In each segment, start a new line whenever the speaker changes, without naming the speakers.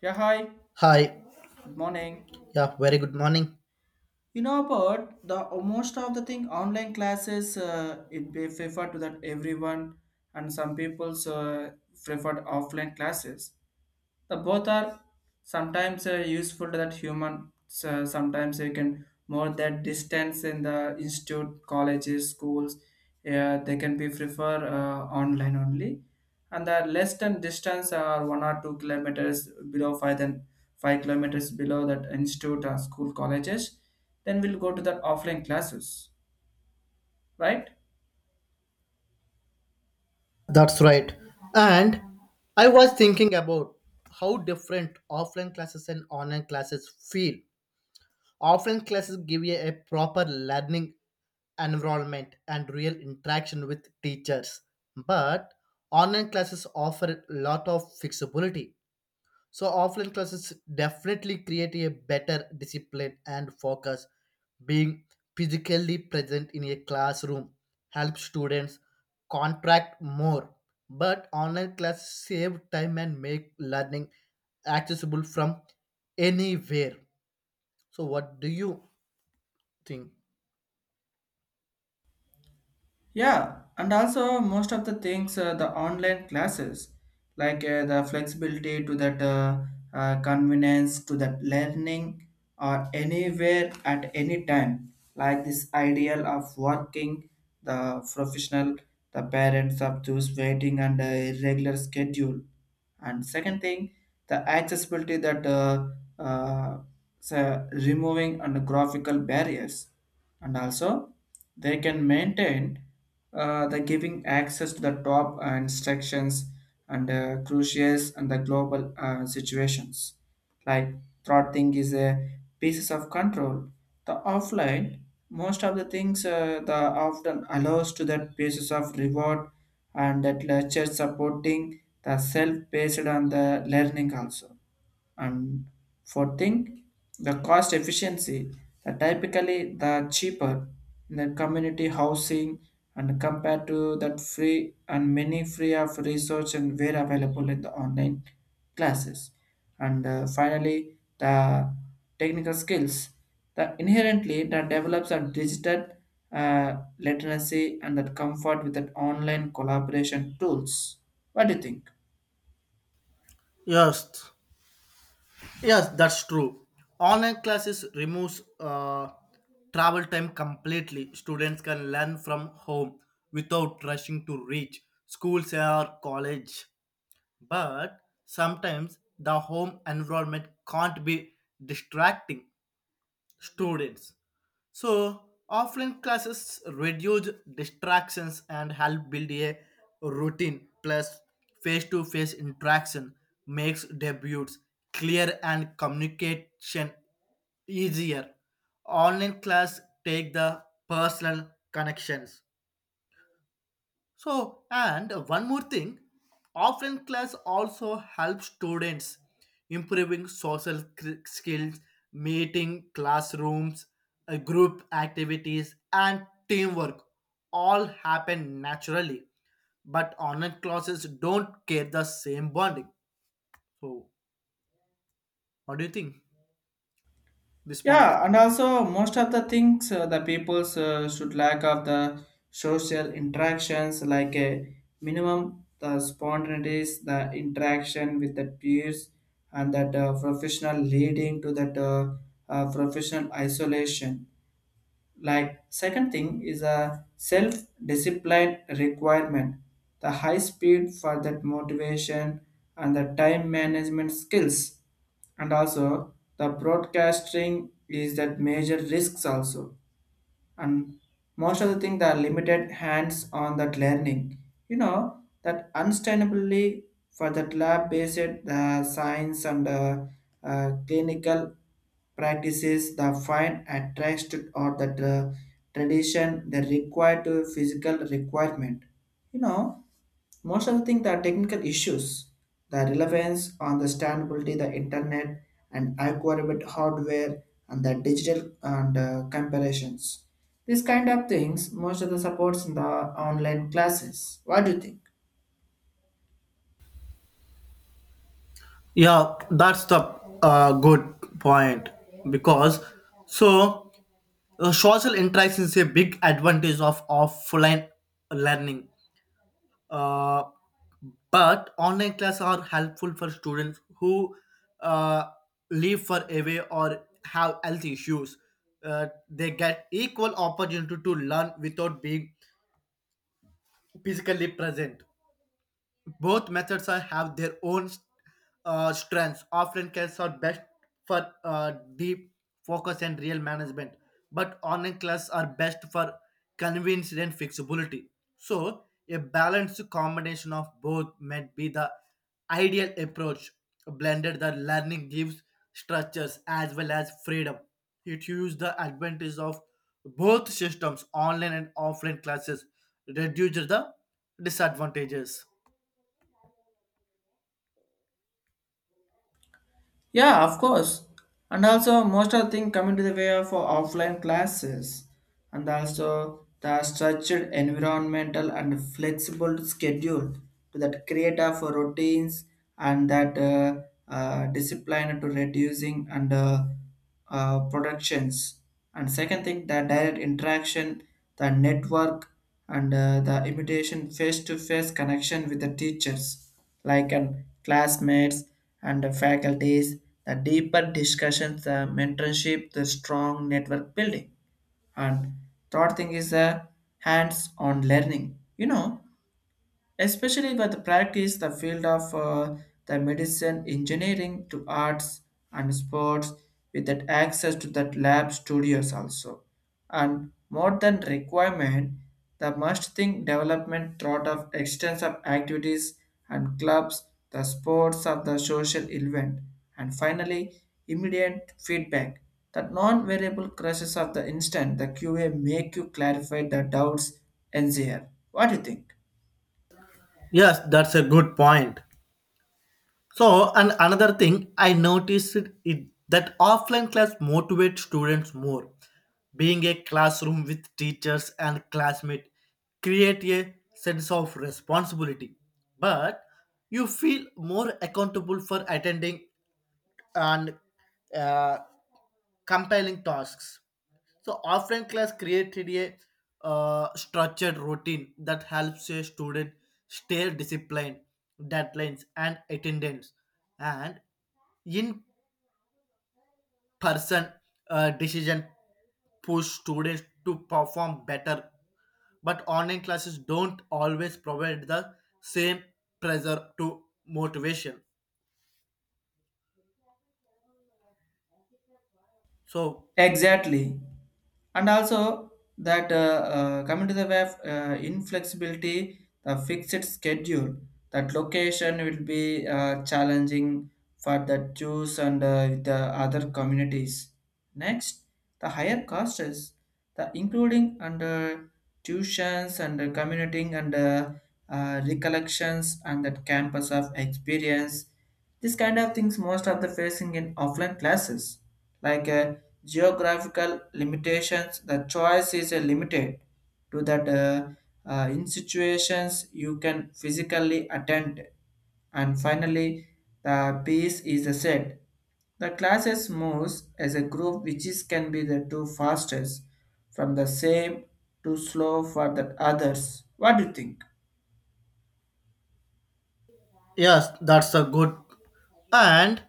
Yeah, hi.
Hi.
Good morning.
Yeah, very good morning.
You know about the most of the thing online classes. It be preferred to that everyone, and some people's preferred offline classes. The both are sometimes useful to that human. So sometimes you can more that distance in the institute, colleges, schools. Yeah, they can be prefer online only and the less than distance are 1 or 2 kilometers below five than 5 kilometers below that institute or school colleges then we'll go to the offline classes, right.
That's right. And I was thinking about how different offline classes and online classes feel. Offline classes give you a proper learning environment and real interaction with teachers, but online classes offer a lot of flexibility. So offline classes definitely create a better discipline and focus. Being physically present in a classroom helps students contract more. But online classes save time and make learning accessible from anywhere. So what do you think?
Yeah, and also most of the things, the online classes, like the flexibility to that convenience to that learning or anywhere at any time, like this ideal of working, the professional, the parents of those waiting and a regular schedule. And second thing, the accessibility that uh, so removing and graphical barriers and also they can maintain the giving access to the top instructions and crucials and the global situations, like third thing is a pieces of control the offline most of the things the often allows to that basis of reward and that lecture supporting the self based on the learning also, and for thing, the cost efficiency, the typically the cheaper in the community housing and compared to that free and many free of research and were available in the online classes. And finally, the technical skills. The inherently that develops a digital literacy and that comfort with that online collaboration tools. What do you think?
Yes, Yes, that's true. Online classes removes travel time completely. Students can learn from home without rushing to reach schools or college. But sometimes the home environment can't be distracting students. So, offline classes reduce distractions and help build a routine. Plus, face to face interaction makes debuts clear and communication easier. Online class take the personal connections. So, and one more thing, offline class also helps students improving skills, meeting classrooms, group activities, and teamwork all happen naturally. But online classes don't get the same bonding. So, what do you think? This point.
Yeah, and also most of the things the peoples should lack of the social interactions, like a minimum the spontaneities, the interaction with the peers, and that professional leading to that professional isolation, like second thing is a self-discipline requirement, the high speed for that motivation and the time management skills, and also the broadcasting is that major risks also. And most of the thing the limited hands on that learning, you know that unsustainably for that lab based the science and clinical practices the fine attached or the tradition the required to physical requirement, you know, most of the things are technical issues the relevance understandability, the internet and acquired hardware and the digital and comparisons. These kind of things most of the supports in the online classes. What do you think?
Yeah, that's the good point because so social interaction is a big advantage of offline learning. Uh, but online classes are helpful for students who uh, live far away or have health issues. They get equal opportunity to learn without being physically present. Both methods are, have their own strengths. Offline classes are best for deep focus and real management, but online classes are best for convenience and flexibility. So, a balanced combination of both might be the ideal approach. Blended, the learning gives structures as well as freedom. It uses the advantage of both systems, online and offline classes, reduces the disadvantages.
Yeah, of course. And also, most of the thing coming to the way of offline classes, and also the structured environmental and flexible schedule to that create of routines and that discipline to reducing and productions, and second thing the direct interaction the network and the imitation face-to-face connection with the teachers like and classmates and the faculties the deeper discussions the mentorship the strong network building, and third thing is the hands-on learning, you know, especially with the practice the field of the medicine engineering to arts and sports with that access to that lab studios also, and more than requirement the must think development thought of extensive activities and clubs the sports of the social event, and finally immediate feedback the non-variable crashes of the instant the qa make you clarify the doubts and there. What do you think?
Yes, that's a good point. So, and another thing I noticed is that offline class motivates students more. Being a classroom with teachers and classmates create a sense of responsibility, but you feel more accountable for attending and uh, compiling tasks. So offline class created a structured routine that helps a student stay disciplined, deadlines and attendance, and in-person decision push students to perform better. But online classes don't always provide the same pressure to motivation. So
Exactly. And also that coming to the way of inflexibility, the fixed schedule, that location will be challenging for the Jews and with the other communities. Next, the higher costs, the including under tuitions and commuting and recollections and that campus of experience, this kind of things most of the facing in offline classes, like geographical limitations. The choice is limited to that in situations you can physically attend. And finally, the piece is said. The classes moves as a group which is can be the two fastest from the same to slow for the others. What do you think?
yes, that's a good and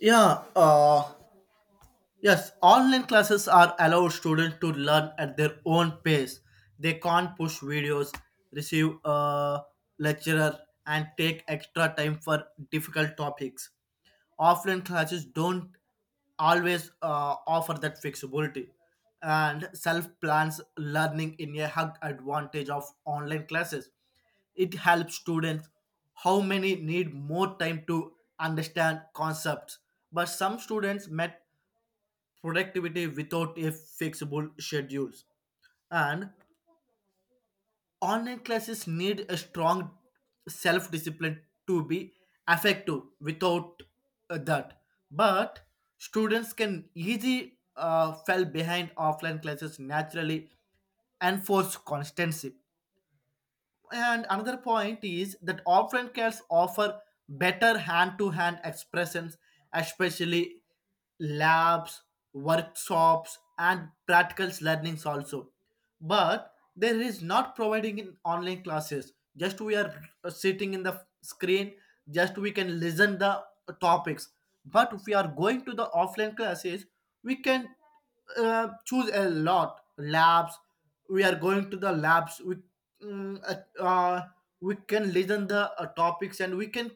yeah. Yes, online classes are allow students to learn at their own pace. They can't push videos, receive a lecturer, and take extra time for difficult topics. Offline classes don't always offer that flexibility and self plans learning in a hug advantage of online classes. It helps students how many need more time to understand concepts, but some students might productivity without a flexible schedules. And online classes need a strong self-discipline to be effective without that. But students can easily fall behind offline classes naturally and force constancy. And another point is that offline cats offer better hand-to-hand expressions, especially labs, workshops, and practical learnings also. But there is not providing in online classes. Just we are sitting in the screen, just we can listen the topics. But if we are going to the offline classes, we can choose a lot labs. We are going to the labs. We mm, uh, uh, we can listen the topics, and we can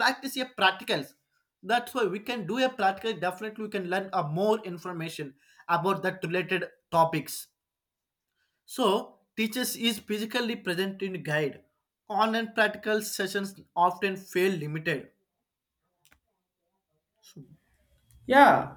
practice a practicals. That's why we can do a practical. Definitely we can learn more information about that related topics. So teachers is physically present in guide. Online practical sessions often feel limited.
Yeah,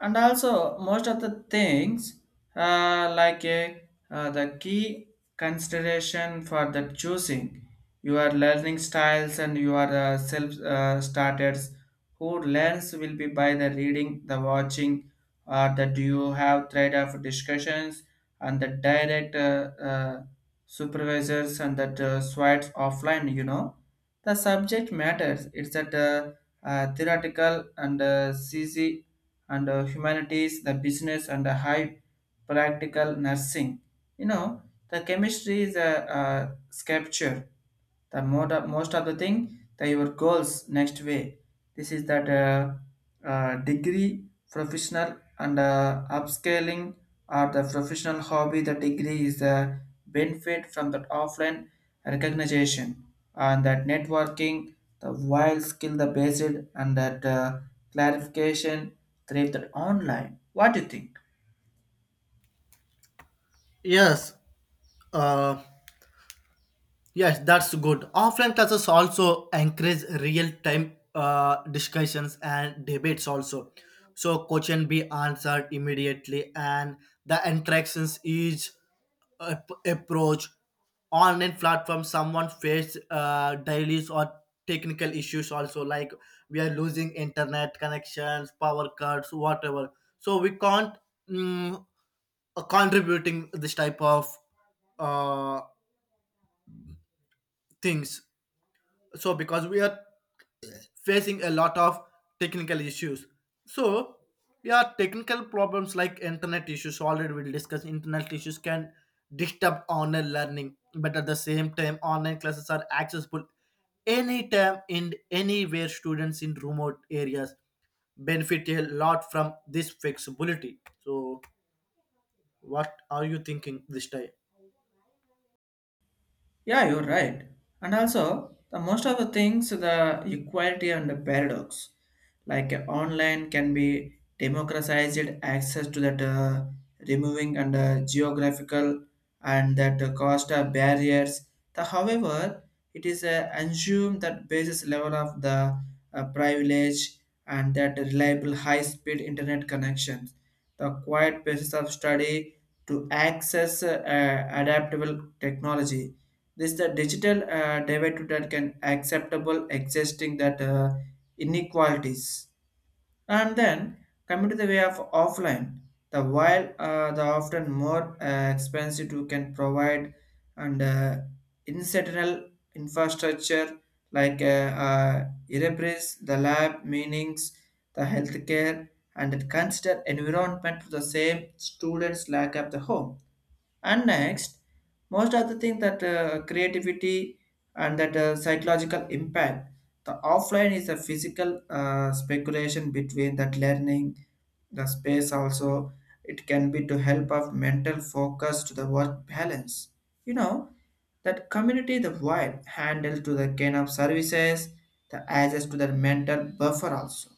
and also most of the things like a the key consideration for the choosing your learning styles and your self starters who learns will be by the reading, the watching, or that you have thread of discussions and the direct supervisors and that swites offline. You know, the subject matters. It's that. Theoretical and CC and humanities, the business and the high practical nursing. You know, the chemistry is a sculpture the most of the thing that your goals next way, this is that degree professional and upscaling or the professional hobby the degree is the benefit from that offline recognition and that networking the wild skill the basic and that clarification thrive that online. What do you think?
yes uh, Yes, that's good. Offline classes also encourage real-time discussions and debates also. So question be answered immediately and the interactions is approach. Online platform someone face dailies or technical issues also, like we are losing internet connections, power cuts, whatever. So we can't mm, contributing this type of uh, things, so because we are facing a lot of technical issues. So yeah, technical problems like internet issues, already we discuss internet issues can disturb online learning. But at the same time, online classes are accessible anytime and anywhere. Students in remote areas benefit a lot from this flexibility. So what are you thinking this time?
Yeah, you're right. And also, the most of the things, the equality and the paradox, like online can be democratized access to that removing and geographical and that cost of barriers. The, however, it is assumed that basis level of the privilege and that reliable high-speed internet connections, the quiet basis of study to access adaptable technology, this the digital derivative that can acceptable existing that inequalities. And then coming to the way of offline, the while the often more expensive you can provide and incidental infrastructure, like Erebris, the lab, meanings, the healthcare, and it consider environment to the same students lack of the home, and next, most of the thing that creativity and that psychological impact, the offline is a physical speculation between that learning, the space also. It can be to help of mental focus to the work balance. You know, that community the wide handle to the kind of services, the access to the mental buffer also,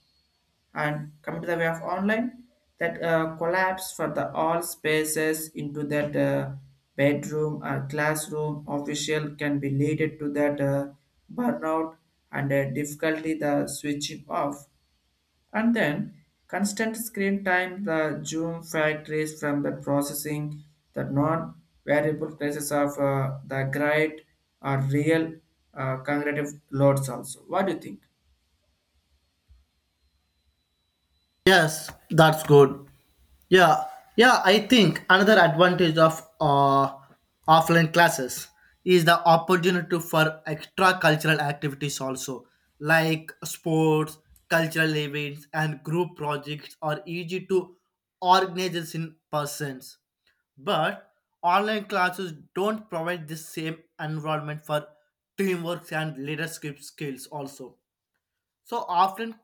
and coming to the way of online that collapse for the all spaces into that bedroom or classroom official can be leaded to that burnout and difficulty the switching off, and then constant screen time the zoom factories from the processing the non variable places of the great or real cognitive loads also. What do you think?
Yes, that's good. Yeah, yeah, I think another advantage of offline classes is the opportunity for extra cultural activities also, like sports, cultural events, and group projects are easy to organize in persons. But online classes don't provide the same environment for teamwork and leadership skills also. So often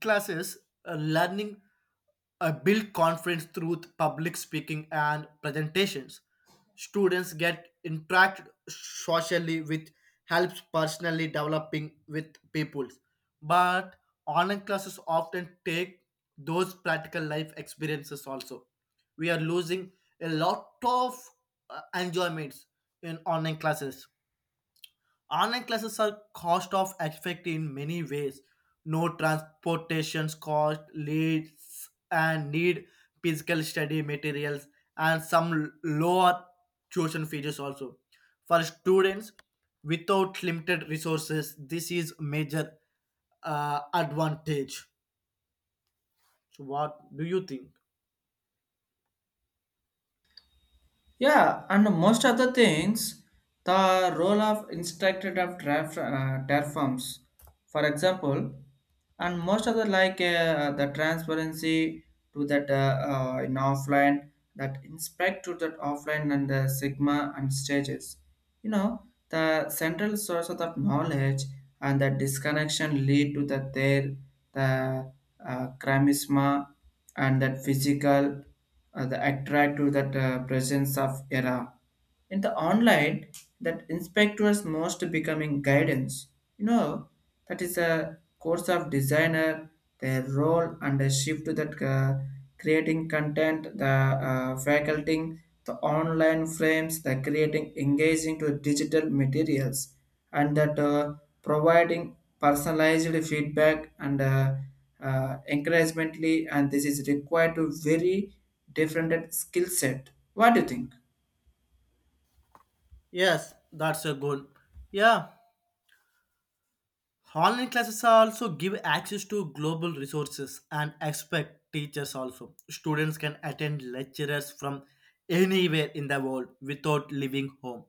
classes, learning build confidence through public speaking and presentations. Students get interact socially with helps personally developing with people. But online classes often take those practical life experiences also. We are losing a lot of enjoyments in online classes. Online classes are cost of effective in many ways. No transportations cost, leads and need physical study materials and some lower tuition fees also. For students without limited resources, this is major advantage. So what do you think?
Yeah, and most other things, the role of instructor of draft, terraforms, for example, and most other like the transparency to that in offline, that inspect to that offline and the sigma and stages. You know, the central source of that knowledge and the disconnection lead to that there, the chromisma and that physical the attract to that presence of era in the online that inspectors most becoming guidance, you know, that is a course of designer their role and a shift to that creating content the faculty the online frames the creating engaging to digital materials and that providing personalized feedback and encouragemently and this is required to very different skill set. What do you think?
Yes, that's a good. Yeah. Online classes also give access to global resources and expect teachers also. Students can attend lecturers from anywhere in the world without leaving home.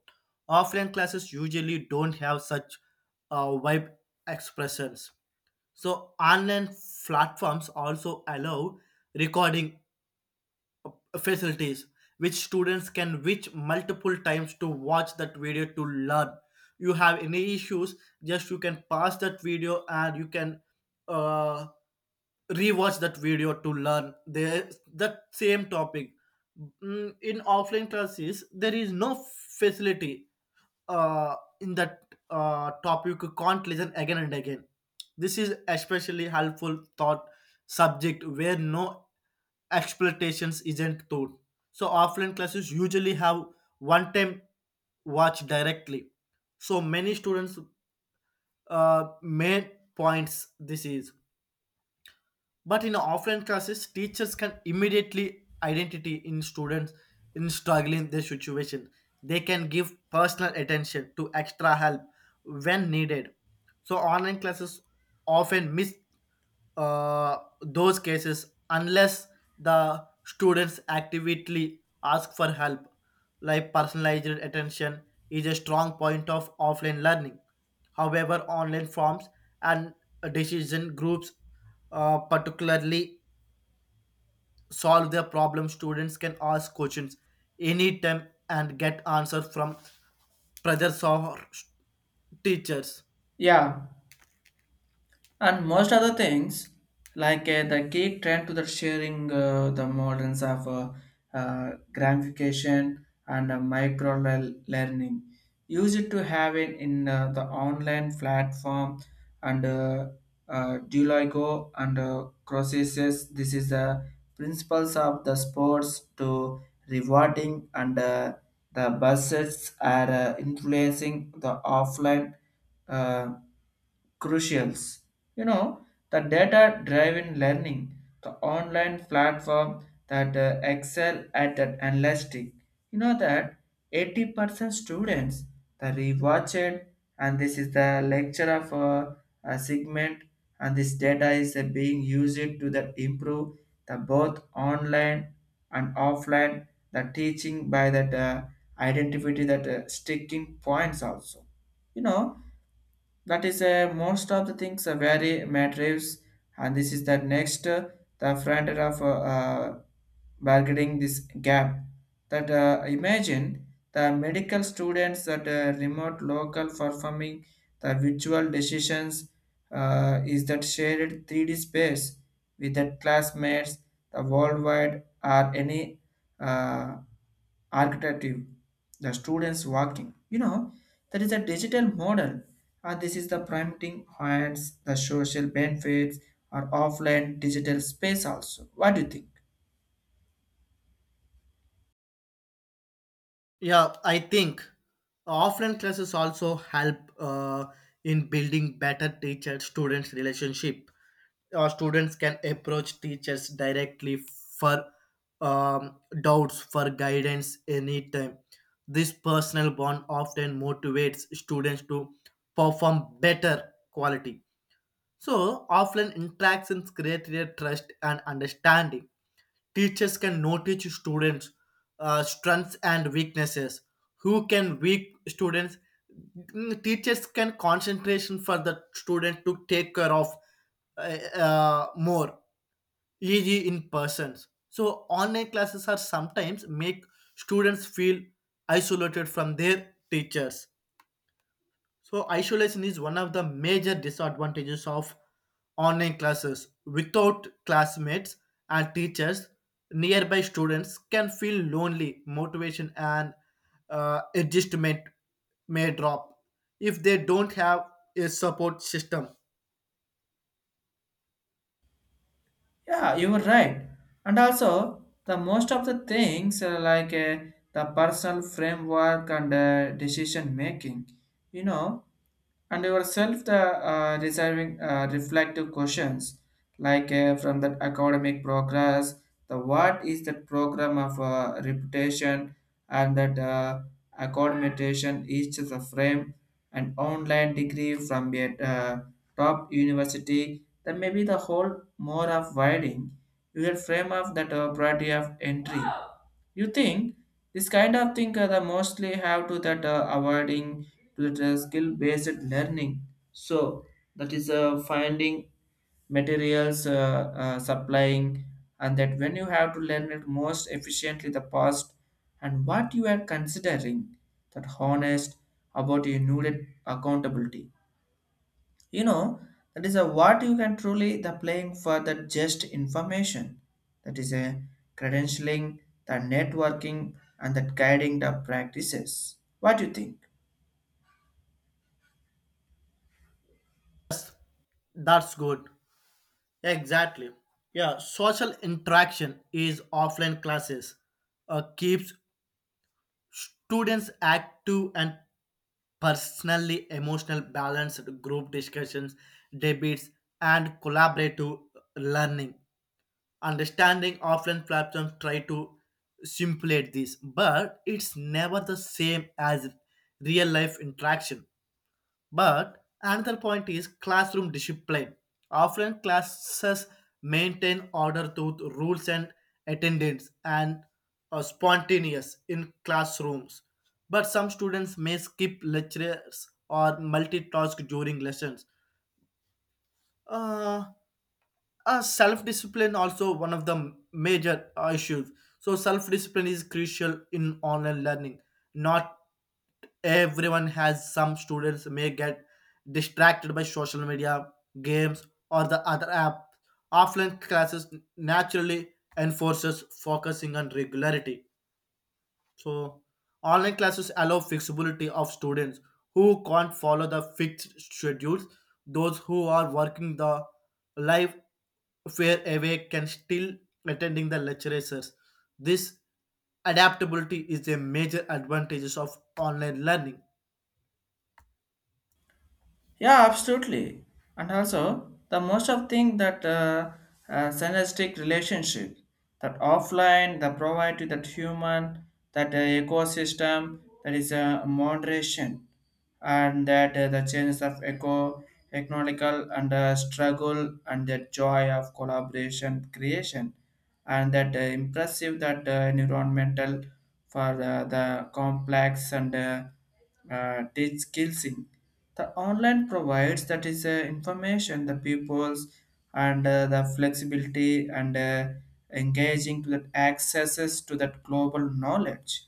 Offline classes usually don't have such wide expressions. So online platforms also allow recording facilities which students can reach multiple times to watch that video to learn. You have any issues, just you can pass that video and you can uh, rewatch that video to learn the that same topic. In offline classes, there is no facility uh, in that topic. You can't listen again and again. This is especially helpful thought subject where no expectations isn't taught. So offline classes usually have one time watch directly. So many students main points this is. But in offline classes, teachers can immediately identity in students in struggling their situation. They can give personal attention to extra help when needed. So online classes often miss those cases unless the students actively ask for help. Like personalized attention is a strong point of offline learning. However, online forms and decision groups particularly solve their problems. Students can ask questions anytime and get answers from professors or teachers.
Yeah, and most other things like the geek trend to the sharing the models of gamification and micro learning use it to have it in the online platform and duolingo and Croesus. This is the principles of the sports to rewarding and the buses are influencing the offline uh, crucials. You know, the data driven learning, the online platform that excel at that analytic. You know that 80% students the rewatched and this is the lecture of a segment and this data is being used to that improve the both online and offline, the teaching by that identity that sticking points also. You know, that is most of the things are very matters, and this is the next the front end of bargaining this gap. That imagine the medical students that remote local performing the virtual decisions is that shared 3D space with the classmates, the worldwide or any uh, architecture, the students walking. You know, there is a digital model. This is the prompting hands, the social benefits, or offline digital space also. What do you think?
Yeah, I think offline classes also help in building better teacher-students relationship. Students can approach teachers directly for doubts, for guidance anytime. This personal bond often motivates students to perform better quality. So, offline interactions create their trust and understanding. Teachers can notice students' strengths and weaknesses. Who can weak students? Teachers can concentration for the student to take care of uh, more easy in persons. So online classes are sometimes make students feel isolated from their teachers. So isolation is one of the major disadvantages of online classes. Without classmates and teachers, nearby students can feel lonely. Motivation and adjustment may drop if they don't have a support system.
Yeah, you were right. And also, the most of the things like the personal framework and decision making, you know, and yourself the reserving reflective questions like from that academic progress the what is the program of reputation and that accommodation each of the frame an online degree from a top university then maybe the whole more of widening your frame of that priority of entry you think, this kind of thing the mostly have to that avoiding to the skill based learning. So that is finding materials, supplying, and that when you have to learn it most efficiently the past and what you are considering that honest about your needed accountability, you know, that is a what you can truly the playing for the just information that is a credentialing the networking and that guiding the practices. What do you think?
That's good. Exactly. Yeah, social interaction is offline classes keeps students active and personally emotional balanced group discussions, debates, and collaborative learning. Understanding offline platforms try to simulate this, but it's never the same as real life interaction. But another point is classroom discipline. Often classes maintain order through rules and attendance and are spontaneous in classrooms. But some students may skip lectures or multitask during lessons. Uh, self-discipline also one of the major issues. So self-discipline is crucial in online learning. Not everyone has. Some students may get distracted by social media, games, or the other app. Offline classes naturally enforces focusing on regularity. So, online classes allow flexibility of students who can't follow the fixed schedules. Those who are working the life fair away can still attending the lectures. This adaptability is a major advantages of online learning.
Yeah, absolutely. And also, the most of thing that synergistic relationship, that offline, the provide to that human, that ecosystem, that is a moderation, and that the changes of eco, economical and struggle and the joy of collaboration creation, and that impressive that environmental for the complex and teach skills the online provides that is information the pupils and the flexibility and engaging to that accesses to that global knowledge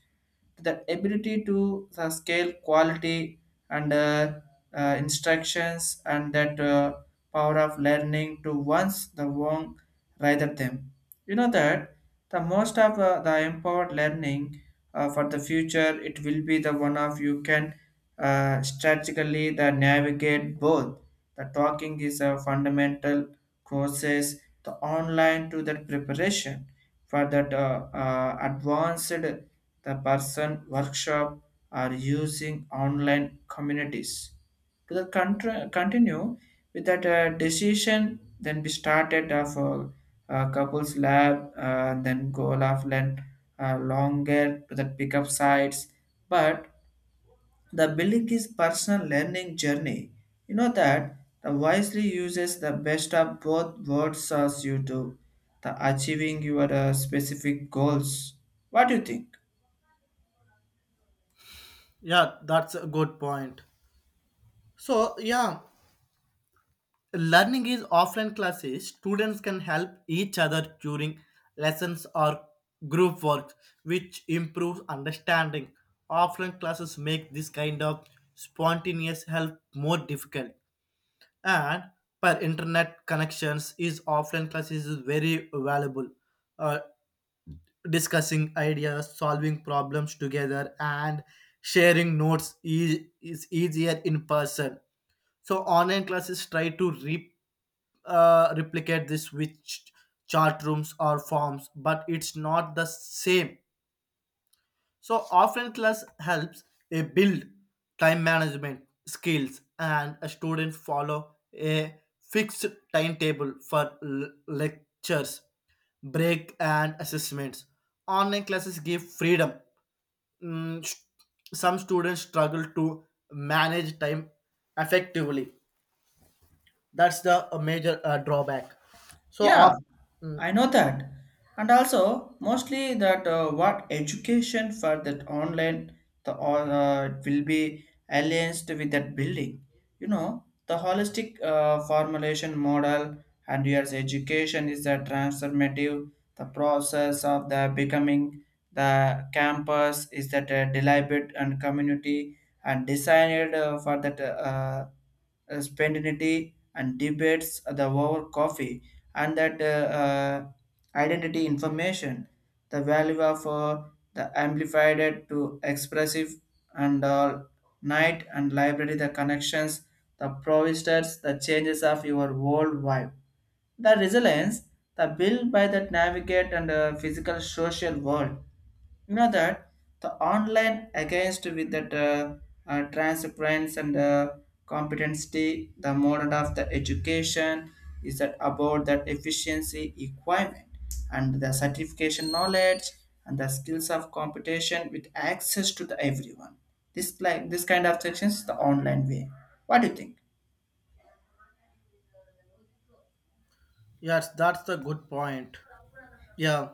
to the ability to the scale quality and instructions and that power of learning to once the wrong rather them, you know that the most of the empowered learning for the future it will be the one of you can strategically, they navigate both. The talking is a fundamental courses, the online to that preparation for that advanced the person workshop are using online communities to the continue with that decision then we started of couples lab then go of land longer to the pickup sites, but the building is personal learning journey. You know that the wisely uses the best of both worlds as you do, the achieving your specific goals. What do you think?
Yeah, that's a good point. So yeah, learning is offline classes. Students can help each other during lessons or group work, which improves understanding. Offline classes make this kind of spontaneous help more difficult. And per internet connections is offline classes is very valuable. Uh, Discussing ideas, solving problems together, and sharing notes is easier in person. So online classes try to replicate this with chat rooms or forms, but it's not the same. So offline class helps a build time management skills and a student follow a fixed timetable for lectures, break and assessments. Online classes give freedom. Mm, st- some students struggle to manage time effectively. That's the a major drawback. So
Yeah,
off
I know that. And also, mostly that what education for that online the all will be aligned with that building. You know, the holistic formulation model and your education is the transformative. The process of the becoming the campus is that deliberate and community and designed for that spontaneity and debates the over coffee and that identity information, the value of the amplified to expressive and all night and library the connections the provisors, the changes of your world vibe. The resilience, the build by that navigate and physical social world. You know that the online against with that transparency and competency, the model of the education is that about that efficiency requirement and the certification knowledge and the skills of computation with access to the everyone. This like this kind of sections the online way. What do you think?
yes, that's the good point. yeah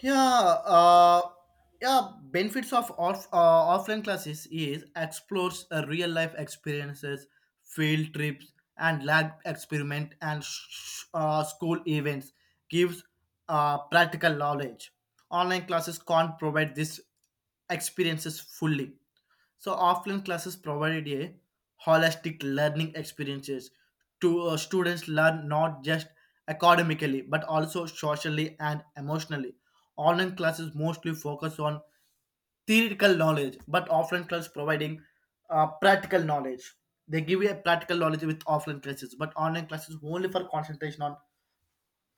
yeah uh yeah benefits of offline classes is explores real life experiences, field trips, and lab experiment, and school events gives practical knowledge. Online classes can't provide this experiences fully. So offline classes provided a holistic learning experiences to students learn not just academically but also socially and emotionally. Online classes mostly focus on theoretical knowledge, but offline class providing practical knowledge. They give you a practical knowledge with offline classes, but online classes only for concentration on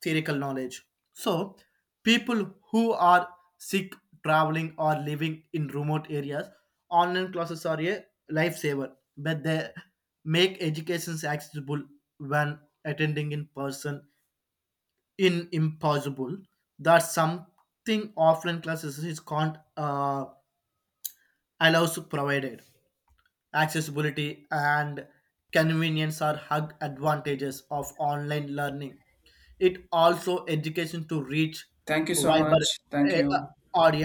theoretical knowledge. So, people who are sick, traveling, or living in remote areas, online classes are a lifesaver, but they make education accessible when attending in person in impossible. That's something offline classes is can't allows provided. Accessibility and convenience are hug advantages of online learning. It also education to reach
Thank you so
wider
much. Thank
eh, uh,
you.
audience